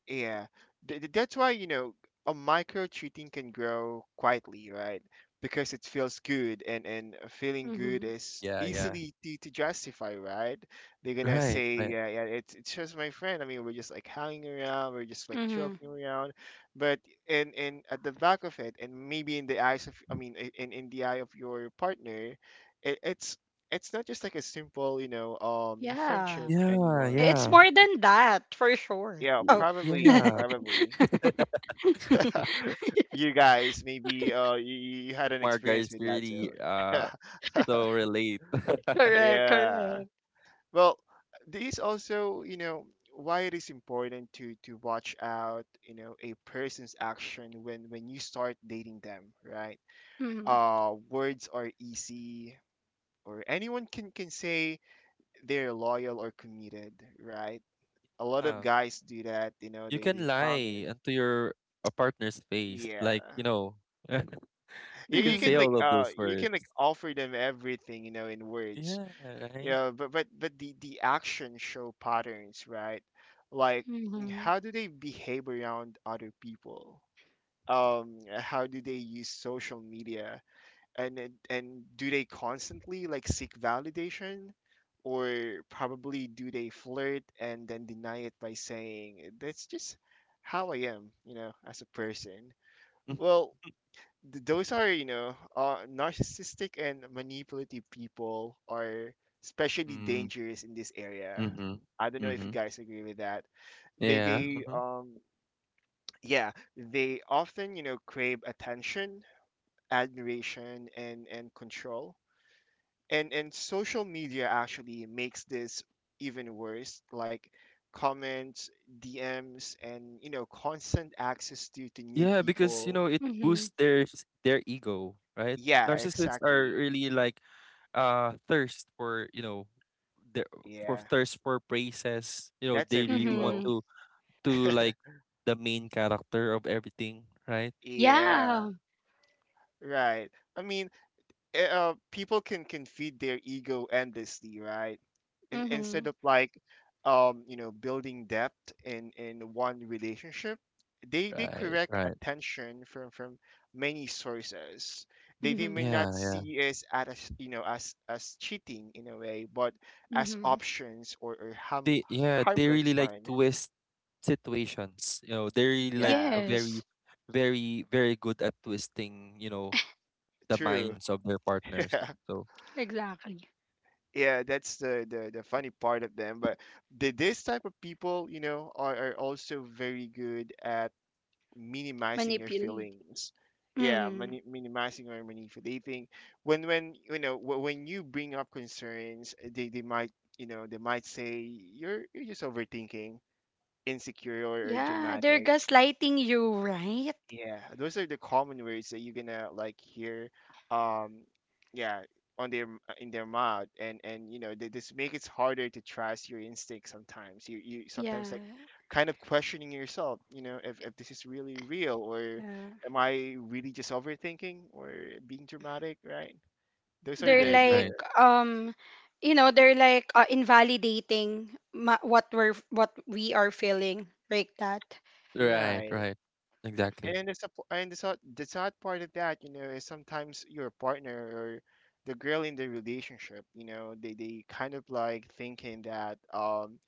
C: Yeah, that's why, you know, a micro cheating can grow quietly, right? Because it feels good, and feeling good
A: Mhm.
C: is
B: Yeah, yeah.
C: easily to justify, right? They're gonna
B: Right,
C: say,
B: right.
C: yeah, yeah, it's just my friend. I mean, we're just like hanging around, we're just like
A: Mhm.
C: joking around, but in at the back of it, and maybe in the eyes of, I mean, in the eye of your partner, it's it's not just like a simple, you know, friendship
A: Yeah.
B: Yeah,
C: anymore.
A: It's
B: yeah.
A: more than that, for sure.
C: Yeah,
A: Oh.
C: probably,
B: Yeah.
C: probably. You guys, maybe you, you had an
B: Marga
C: experience
B: is
C: with that,
B: really
C: so
B: so relate.
A: Correct,
C: yeah.
A: correct.
C: Well, this also, you know, why it is important to watch out, you know, a person's action when you start dating them, right? Words are easy, or anyone can say they're loyal or committed, right? A lot of
B: um,
C: guys do that, you know,
B: you
C: they
B: can
C: promise.
B: lie into your a partner's face,
C: Yeah.
B: like, you know. You
C: You,
B: can say
A: Mhm.
B: all of those
C: you can like
B: words.
C: offer them everything, you know, in words.
B: Yeah,
C: You
B: right?
C: know, but the action show patterns, right? Like,
A: Mhm.
C: how do they behave around other people, um, how do they use social media, and and do they constantly like seek validation, or probably do they flirt and then deny it by saying that's just how I am, you know, as a person. Well, those are, you know, narcissistic and manipulative people are especially
B: Mhm.
C: dangerous in this area.
B: Mhm.
C: I don't know if you
B: Mhm.
C: guys agree with that. they
B: Yeah.
C: they
B: Mhm.
C: um yeah, they often, you know, crave attention, admiration, and control. And social media actually makes this even worse, like comments, dms, and you know, constant access to new
B: Yeah, because you
C: people.
B: know it
A: Mhm.
B: boosts their their ego, right?
C: Yeah,
B: Narcissists are
C: exactly.
B: really like thirst for, you know, their for
C: Yeah.
B: thirst for praises. You know,
C: That's our
B: they really want
C: fuel.
A: Mhm.
B: to like the main character of everything, right?
C: Yeah,
A: Yeah.
C: right. I mean, people can feed their ego endlessly, right? Instead
A: Mhm.
C: of like, you know, building depth in one relationship, they
B: Right,
C: correct
B: right.
C: attention from many sources. They
A: Mhm.
C: may not
B: Yeah, yeah.
C: see as at as you know as cheating in a way, but as
A: Mhm.
C: options or harm,
B: They yeah they
C: harmless
B: really like
C: fun.
B: twist situations, you know, they're really like a
C: Yeah,
A: Yes.
B: very good at twisting, you know, the
C: true.
B: minds of their partners. So
A: Exactly.
C: Yeah, that's the, the funny part of them. But the, this type of people, you know, are also very good at minimizing your
A: Manipulate.
C: feelings. Yeah,
A: Mhm.
C: mani minimizing or manipulating. When when you bring up concerns, they might, you know, they might say you're just overthinking, insecure, or
A: Yeah, they're
C: dramatic.
A: gaslighting you, right?
C: Yeah, those are the common words that you're gonna like hear, um, yeah, on their in their mouth, and you know they just make it harder to trust your instinct sometimes. You sometimes like
A: Yeah.
C: kind of questioning yourself, you know, if this is really real, or
A: Yeah.
C: am I really just overthinking or being dramatic, right? Those are
A: They're
B: right,
A: like,
B: right,
A: um you know, they're like, invalidating what we are feeling, like that.
C: the
B: right,
C: right.
B: right. Exactly.
C: And the sad part of that, you know, is sometimes your partner or the girl in the relationship, you know, they kind of like thinking that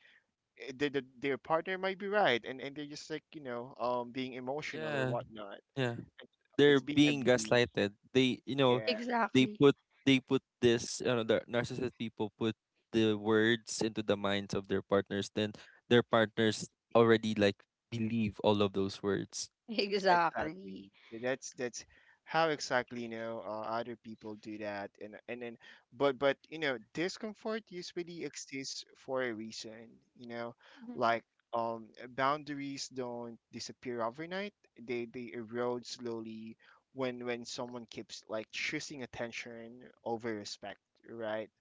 C: the, their partner might be right, and they're just like you know being emotional or
B: Yeah,
C: whatnot.
B: yeah,
C: It's
B: they're
C: it's being
B: being
C: abused.
B: gaslighted, they, you know,
C: Yeah.
B: they
A: Exactly.
B: put they put this, you know, the narcissist people put the words into the minds of their partners, then their partners already like believe all of those words.
A: Exactly.
C: Exactly. That's how exactly you know other people do that, and then but you know discomfort usually exists for a reason. You know,
A: Mhm.
C: like, um, boundaries don't disappear overnight. They erode slowly when someone keeps like choosing attention over respect, right?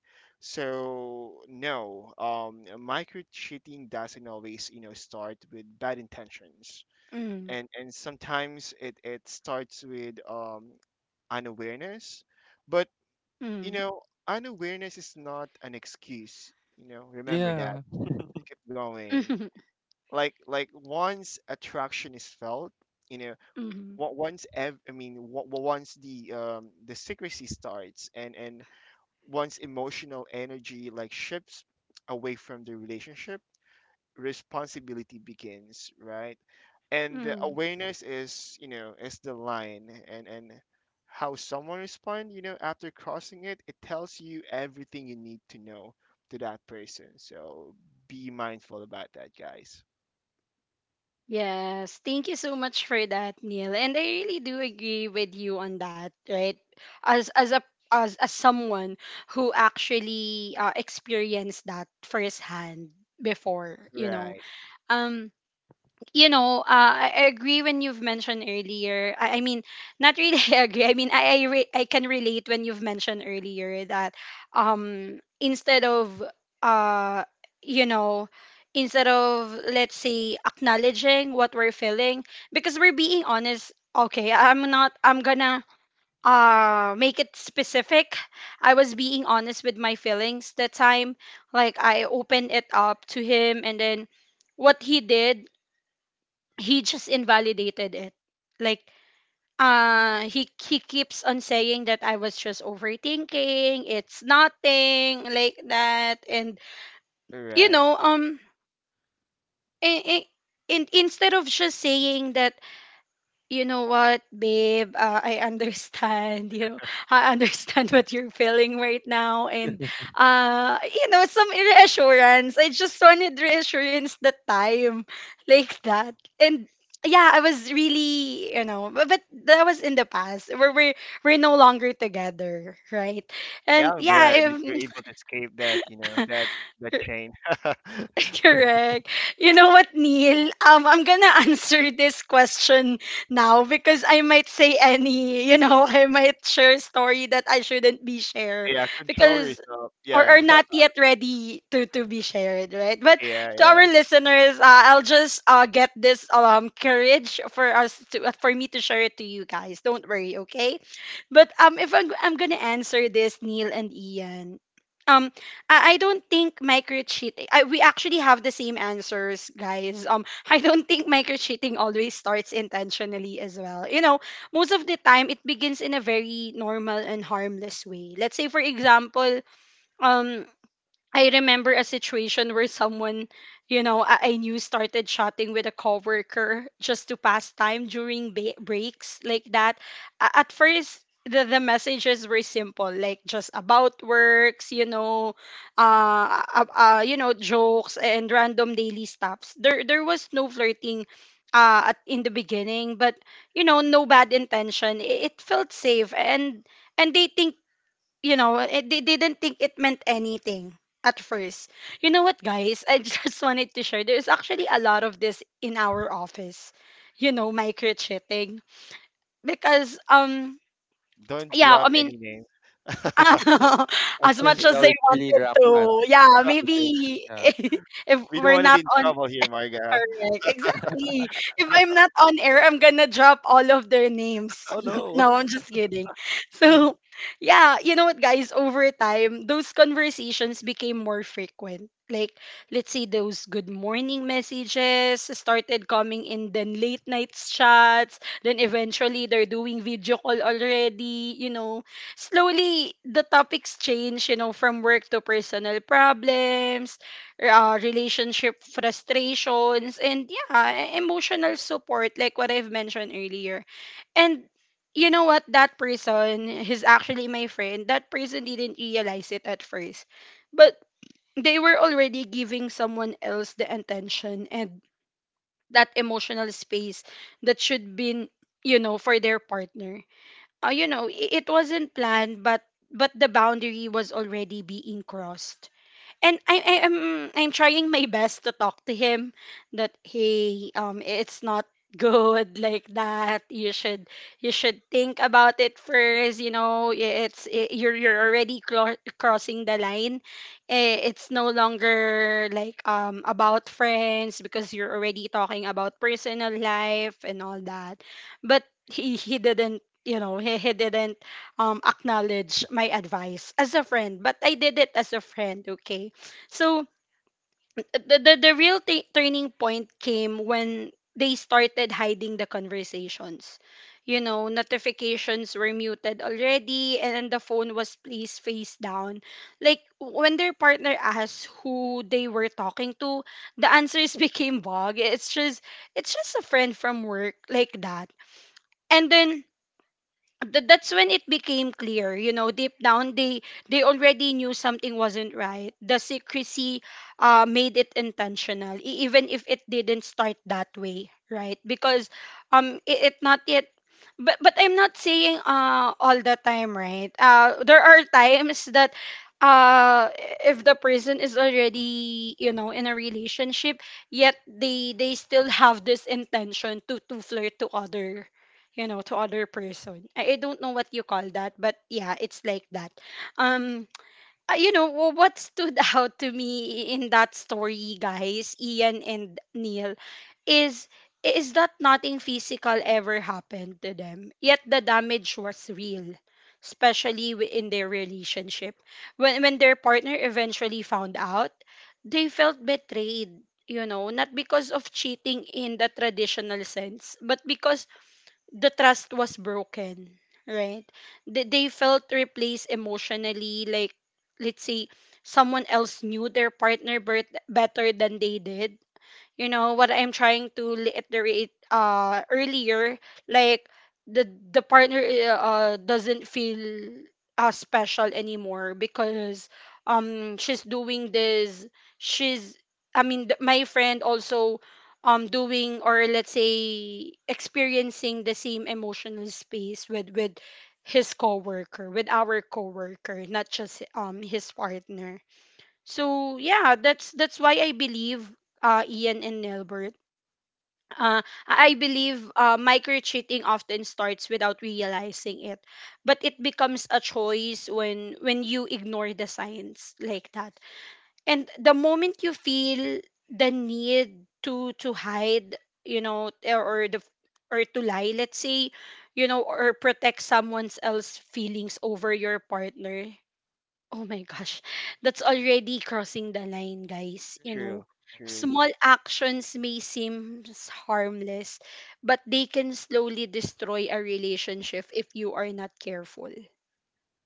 C: So no, micro cheating doesn't always, you know, start with bad intentions,
A: Mhm.
C: and sometimes it starts with, um, unawareness, but, you
A: Mhm.
C: know, unawareness is not an excuse, you know, remember that
B: Yeah.
C: to keep going. Like once attraction is felt, you know,
A: Mhm.
C: wa- once ev- I mean wa- wa- once the secrecy starts, and once emotional energy like shifts away from the relationship, responsibility begins, right? And the
A: Mhm.
C: awareness is, you know, is the line, and how someone responds, you know, after crossing it, it tells you everything you need to know to that person. So be mindful about that, guys.
A: Yes, thank you so much for that, Neil. And I really do agree with you on that, right? As a, as someone who actually, experienced that firsthand before, you know.
C: Right,
A: Um you know, I agree when you've mentioned earlier. I mean, not really I agree. I mean, I can relate when you've mentioned earlier that, um instead of uh you know instead of, let's say, acknowledging what we're feeling because we're being honest. Okay, I'm not. I'm gonna make it specific. I was being honest with my feelings that time. Like, I opened it up to him, and then what he did, he just invalidated it, like, he keeps on saying that I was just overthinking, it's nothing like that. And you
C: right.
A: know, and, and instead of just saying that, you know what, babe? I understand. You know, I understand what you're feeling right now, and, you know, some reassurance. I just wanted reassurance that time, like that. And yeah, I was really, you know, but that was in the past. We're no longer together, right?
C: Yeah,
A: And
C: I'm
A: yeah,
C: glad that you're
A: if.
C: able to escape that, you know, that that chain.
A: Correct. You know what, Neil? I'm gonna answer this question now, because I might say any, you know, I might share a story that I shouldn't be share,
C: Yeah, control
A: because,
C: yourself.
A: or
C: Yeah,
A: are not yet ready to be shared, right? But
C: yeah,
A: to our
C: yeah.
A: listeners, I'll just, get this, courage for us to, for me to share it to you guys. Don't worry, okay? But if I'm gonna answer this, Neil and Ian. Um, I don't think micro cheating. I, we actually have the same answers, guys. I don't think micro cheating always starts intentionally as well. You know, most of the time it begins in a very normal and harmless way. Let's say, for example, um I remember a situation where someone, you know, I knew started chatting with a coworker just to pass time during breaks, like that. At first, the messages were simple, like just about works, you know, jokes and random daily stuffs. There was no flirting, in the beginning, but you know, no bad intention. It felt safe, and dating, you know, they didn't think it meant anything at first. You know what, guys? I just wanted to share. There's actually a lot of this in our office. You know, micro cheating because,
C: Don't
A: yeah,
C: drop
A: I mean.
C: any name.
B: I
A: As
B: can
A: much as
B: tell
A: they
B: it's really
A: wanted
B: rampant
A: to, yeah,
B: with this.
A: maybe
B: Yeah.
A: if
C: We don't
A: we're
C: want to be
A: not.
C: in trouble here, Marga.
A: Correct. Exactly. If I'm not on air, I'm gonna drop all of their names.
B: Oh no.
A: No, I'm just kidding. So, yeah, you know what, guys? Over time, those conversations became more frequent. Like, let's say those good morning messages started coming in, then late nights chats, then eventually they're doing video call already. You know, slowly the topics change, you know, from work to personal problems, relationship frustrations, and yeah, emotional support like what I've mentioned earlier. And you know what, that person is actually my friend. That person didn't realize it at first, but they were already giving someone else the attention and that emotional space that should be, you know, for their partner. You know, it wasn't planned, but the boundary was already being crossed. And I am I'm trying my best to talk to him that, hey, it's not good, like that. You should, you should think about it first. You know, it's, I you're already crossing the line. Eh, it's no longer like, about friends, because you're already talking about personal life and all that. But he didn't, you know, he didn't acknowledge my advice as a friend, but I did it as a friend, okay? So the real turning point came when they started hiding the conversations. You know, notifications were muted already and the phone was placed face down. Like, when their partner asked who they were talking to, the answers became vague. It's just a friend from work, like that. And then that's when it became clear. You know, deep down they already knew something wasn't right. The secrecy made it intentional, even if it didn't start that way, right? Because it, it not yet. But I'm not saying, all the time, right? There are times that, uh if the person is already, you know, in a relationship, yet they still have this intention to flirt to other, you know, to other person. I don't know what you call that, but yeah, it's like that. um you know, what stood out to me in that story, guys, Ian and Neil, is is that nothing physical ever happened to them, yet the damage was real, especially in their relationship. When their partner eventually found out, they felt betrayed, you know, not because of cheating in the traditional sense, but because the trust was broken, right? They felt replaced emotionally. Like, let's say, someone else knew their partner birth better than they did. You know what I'm trying to reiterate, earlier, like, the partner doesn't feel special anymore, because she's doing this, she's, I mean, my friend also, doing, or let's say, experiencing the same emotional space with his coworker, with our coworker, not just his partner. So yeah, that's why I believe, Ian and Nelbert, Uh, I believe, micro cheating often starts without realizing it, but it becomes a choice when you ignore the signs, like that. And the moment you feel the need to hide, you know, or the, or to lie, let's say, you know, or protect someone else's feelings over your partner, oh my gosh, that's already crossing the line, guys. You know,
C: True,
B: Yeah.
C: truly,
A: small actions may seem harmless, but they can slowly destroy a relationship if you are not careful,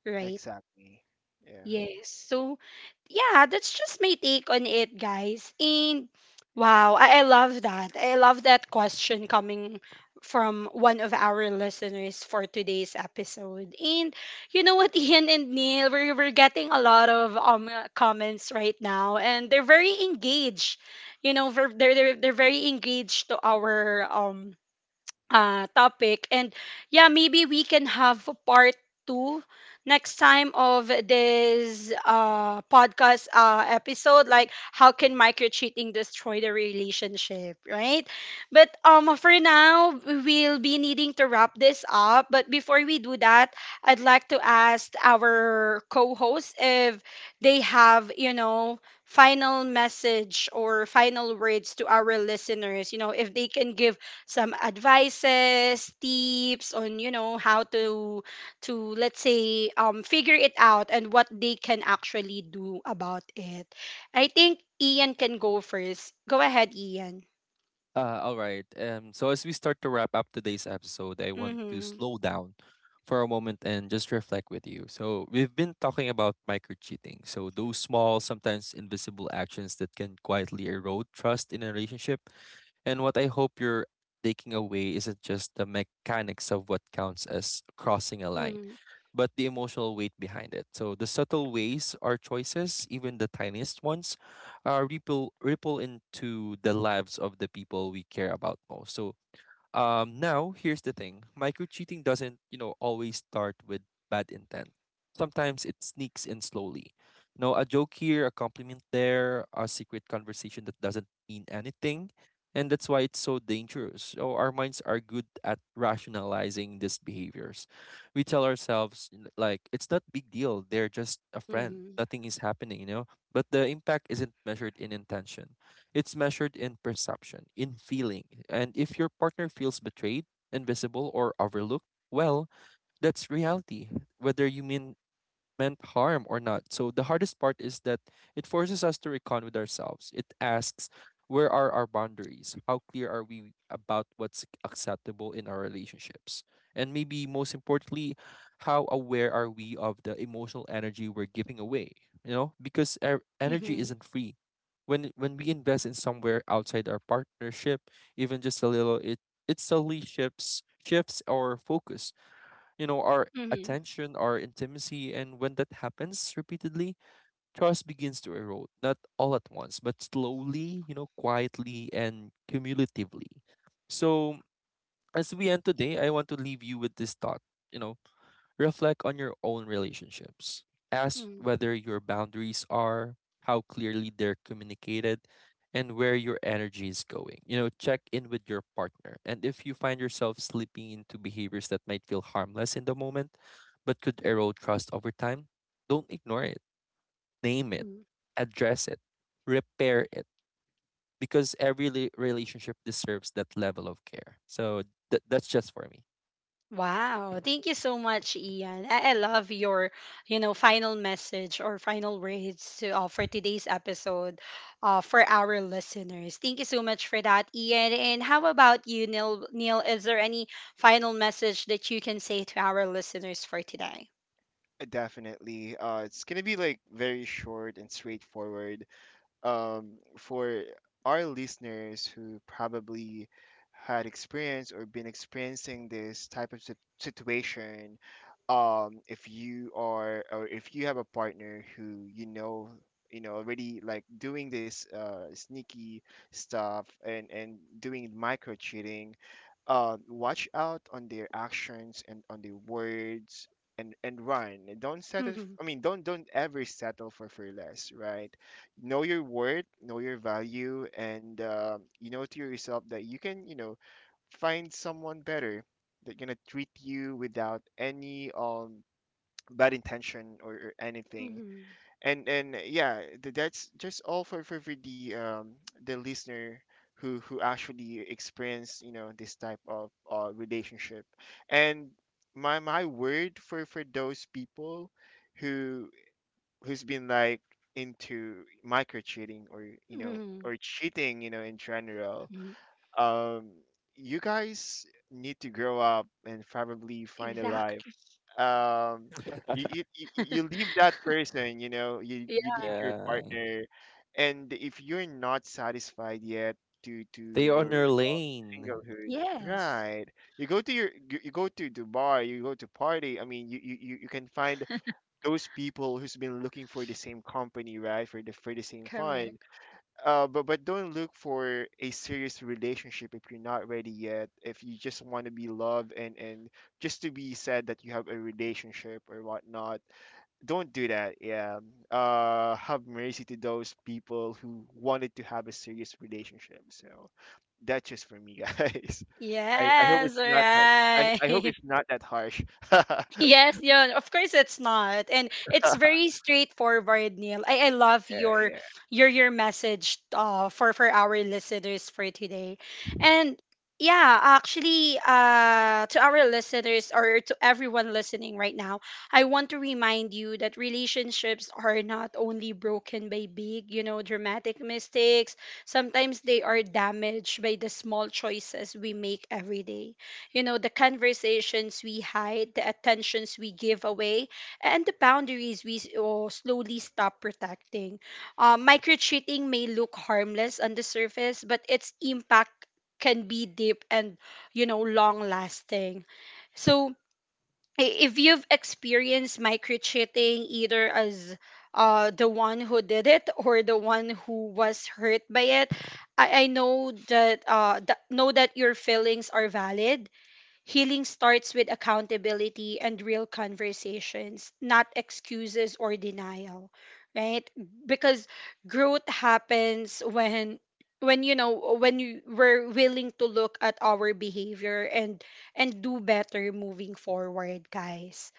A: right?
C: exactly. Yeah,
A: Yes. So, yeah, that's just my take on it, guys. And wow, I love that. I love that question coming from one of our listeners for today's episode. And you know what, Ian and Neil, we're getting a lot of comments right now, and they're very engaged. You know, they're very engaged to our topic. And yeah, maybe we can have a part two next time of this podcast, episode. Like, how can micro cheating destroy the relationship, right? But for now, we'll be needing to wrap this up. But before we do that, I'd like to ask our co-hosts if they have, you know, final message or final words to our listeners, you know, if they can give some advices, tips on, you know, how to, let's say, figure it out and what they can actually do about it. I think Ian can go first. Go ahead, Ian.
B: All right. So as we start to wrap up today's episode, I want to
A: Mhm.
B: slow down for a moment and just reflect with you. So we've been talking about micro cheating. So those small, sometimes invisible actions that can quietly erode trust in a relationship. And what I hope you're taking away isn't just the mechanics of what counts as crossing a line,
A: Mhm.
B: but the emotional weight behind it. So the subtle ways our choices, even the tiniest ones, are ripple into the lives of the people we care about most. So now, here's the thing: micro cheating doesn't, you know, always start with bad intent. Sometimes it sneaks in slowly. You know, a joke here, a compliment there, a secret conversation that doesn't mean anything. And that's why it's so dangerous. So our minds are good at rationalizing these behaviors. We tell ourselves, like, it's not big deal. They're just a friend.
A: Mhm.
B: Nothing is happening, you know? But the impact isn't measured in intention, it's measured in perception, in feeling. And if your partner feels betrayed, invisible, or overlooked, well, that's reality, whether you meant harm or not. So the hardest part is that it forces us to recon with ourselves. It asks, where are our boundaries? How clear are we about what's acceptable in our relationships? And maybe most importantly, how aware are we of the emotional energy we're giving away? You know, because our energy
A: Mhm.
B: isn't free. When we invest in somewhere outside our partnership, even just a little, it slowly shifts our focus, you know, our
A: Mhm.
B: attention, our intimacy. And when that happens repeatedly, trust begins to erode, not all at once, but slowly, you know, quietly and cumulatively. So as we end today, I want to leave you with this thought. You know, reflect on your own relationships. Ask
A: Mhm.
B: whether your boundaries are, how clearly they're communicated, and where your energy is going. You know, check in with your partner. And if you find yourself slipping into behaviors that might feel harmless in the moment, but could erode trust over time, don't ignore it. Name it,
A: Mhm.
B: address it, repair it, because every relationship deserves that level of care. So that's just for me.
A: Wow, thank you so much, Ian. I love your, you know, final message or final words to, for today's episode, for our listeners. Thank you so much for that, Ian. And how about you, Neil? Neil, is there any final message that you can say to our listeners for today?
C: Definitely. It's gonna be like very short and straightforward. Um, for our listeners who probably had experience or been experiencing this type of situation, if you are or if you have a partner who you know already like doing this sneaky stuff and doing micro cheating, watch out on their actions and on their words and run. Don't settle.
A: Mm-hmm.
C: I mean, don't ever settle for less, right? Know your worth, know your value, and, you know to yourself that you can, you know, find someone better that gonna treat you without any, um, bad intention, or anything.
A: Hmm.
C: And yeah, that's just all for the listener who actually experienced you know this type of relationship. And my word for those people who who's been like into micro cheating or you know
A: Hmm.
C: or cheating, you know, in general,
A: Hmm.
C: um, you guys need to grow up and probably find a life.
A: Exactly.
C: Um, you you, you leave that person, you know, you
A: Yeah.
C: you leave your
B: Yeah.
C: partner, and if you're not satisfied yet to
B: Stay
C: your,
B: on your lane.
C: singlehood,
A: Yes.
C: right? You go to your, you go to the bar, you go to party. I mean, you, you can find those people who's been looking for the same company, right, for the same fund.
A: Correct.
C: But don't look for a serious relationship if you're not ready yet. If you just want to be loved and just to be said that you have a relationship or whatnot, don't do that. Yeah. Have mercy to those people who wanted to have a serious relationship. So that's just for me, guys. I hope
A: Yes, all
C: it's not that. I hope
A: right.
C: it's not that harsh. Yeah,
A: Yes, yeah, of course it's not. And it's very straightforward, Neil. I love your,
C: yeah.
A: your message, for our listeners for today. And yeah, actually, to our listeners, or to everyone listening right now, I want to remind you that relationships are not only broken by big, you know, dramatic mistakes. Sometimes they are damaged by the small choices we make every day. You know, the conversations we hide, the attentions we give away, and the boundaries we oh, slowly stop protecting. Micro cheating may look harmless on the surface, but its impact can be deep and, you know, long lasting. So, if you've experienced micro cheating either as the one who did it or the one who was hurt by it, I know that, know that your feelings are valid. Healing starts with accountability and real conversations, not excuses or denial, right? Because growth happens when you know, when you, we're willing to look at our behavior and do better moving forward, guys,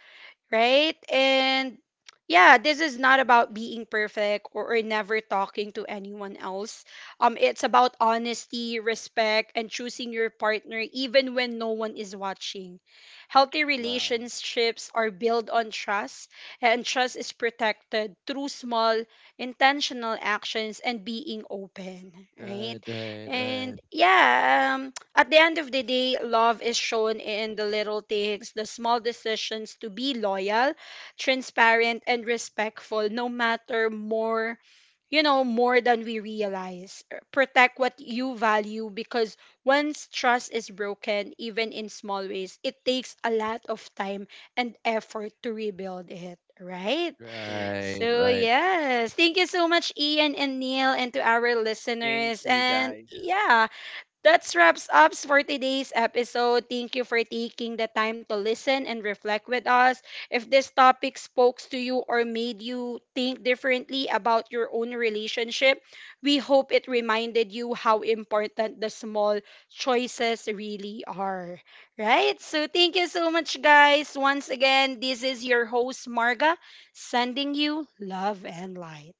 A: right? And yeah, this is not about being perfect, or never talking to anyone else. It's about honesty, respect, and choosing your partner even when no one is watching. Healthy
C: Wow.
A: relationships are built on trust, and trust is protected through small, intentional actions and being open, right?
B: Right, right, right,
A: And yeah, at the end of the day, love is shown in the little things, the small decisions to be loyal, transparent, and respectful, no matter more, you know, more than we realize. Protect what you value, because once trust is broken, even in small ways, it takes a lot of time and effort to rebuild it. Right?
C: True.
B: right,
A: So,
B: right.
A: yes. Thank you so much, Ian and Neil, and to our
C: Thank
A: listeners.
C: you
A: And
C: guys.
A: yeah, that wraps up for today's episode. Thank you for taking the time to listen and reflect with us. If this topic spoke to you or made you think differently about your own relationship, we hope it reminded you how important the small choices really are. Right? So thank you so much, guys. Once again, this is your host, Marga, sending you love and light.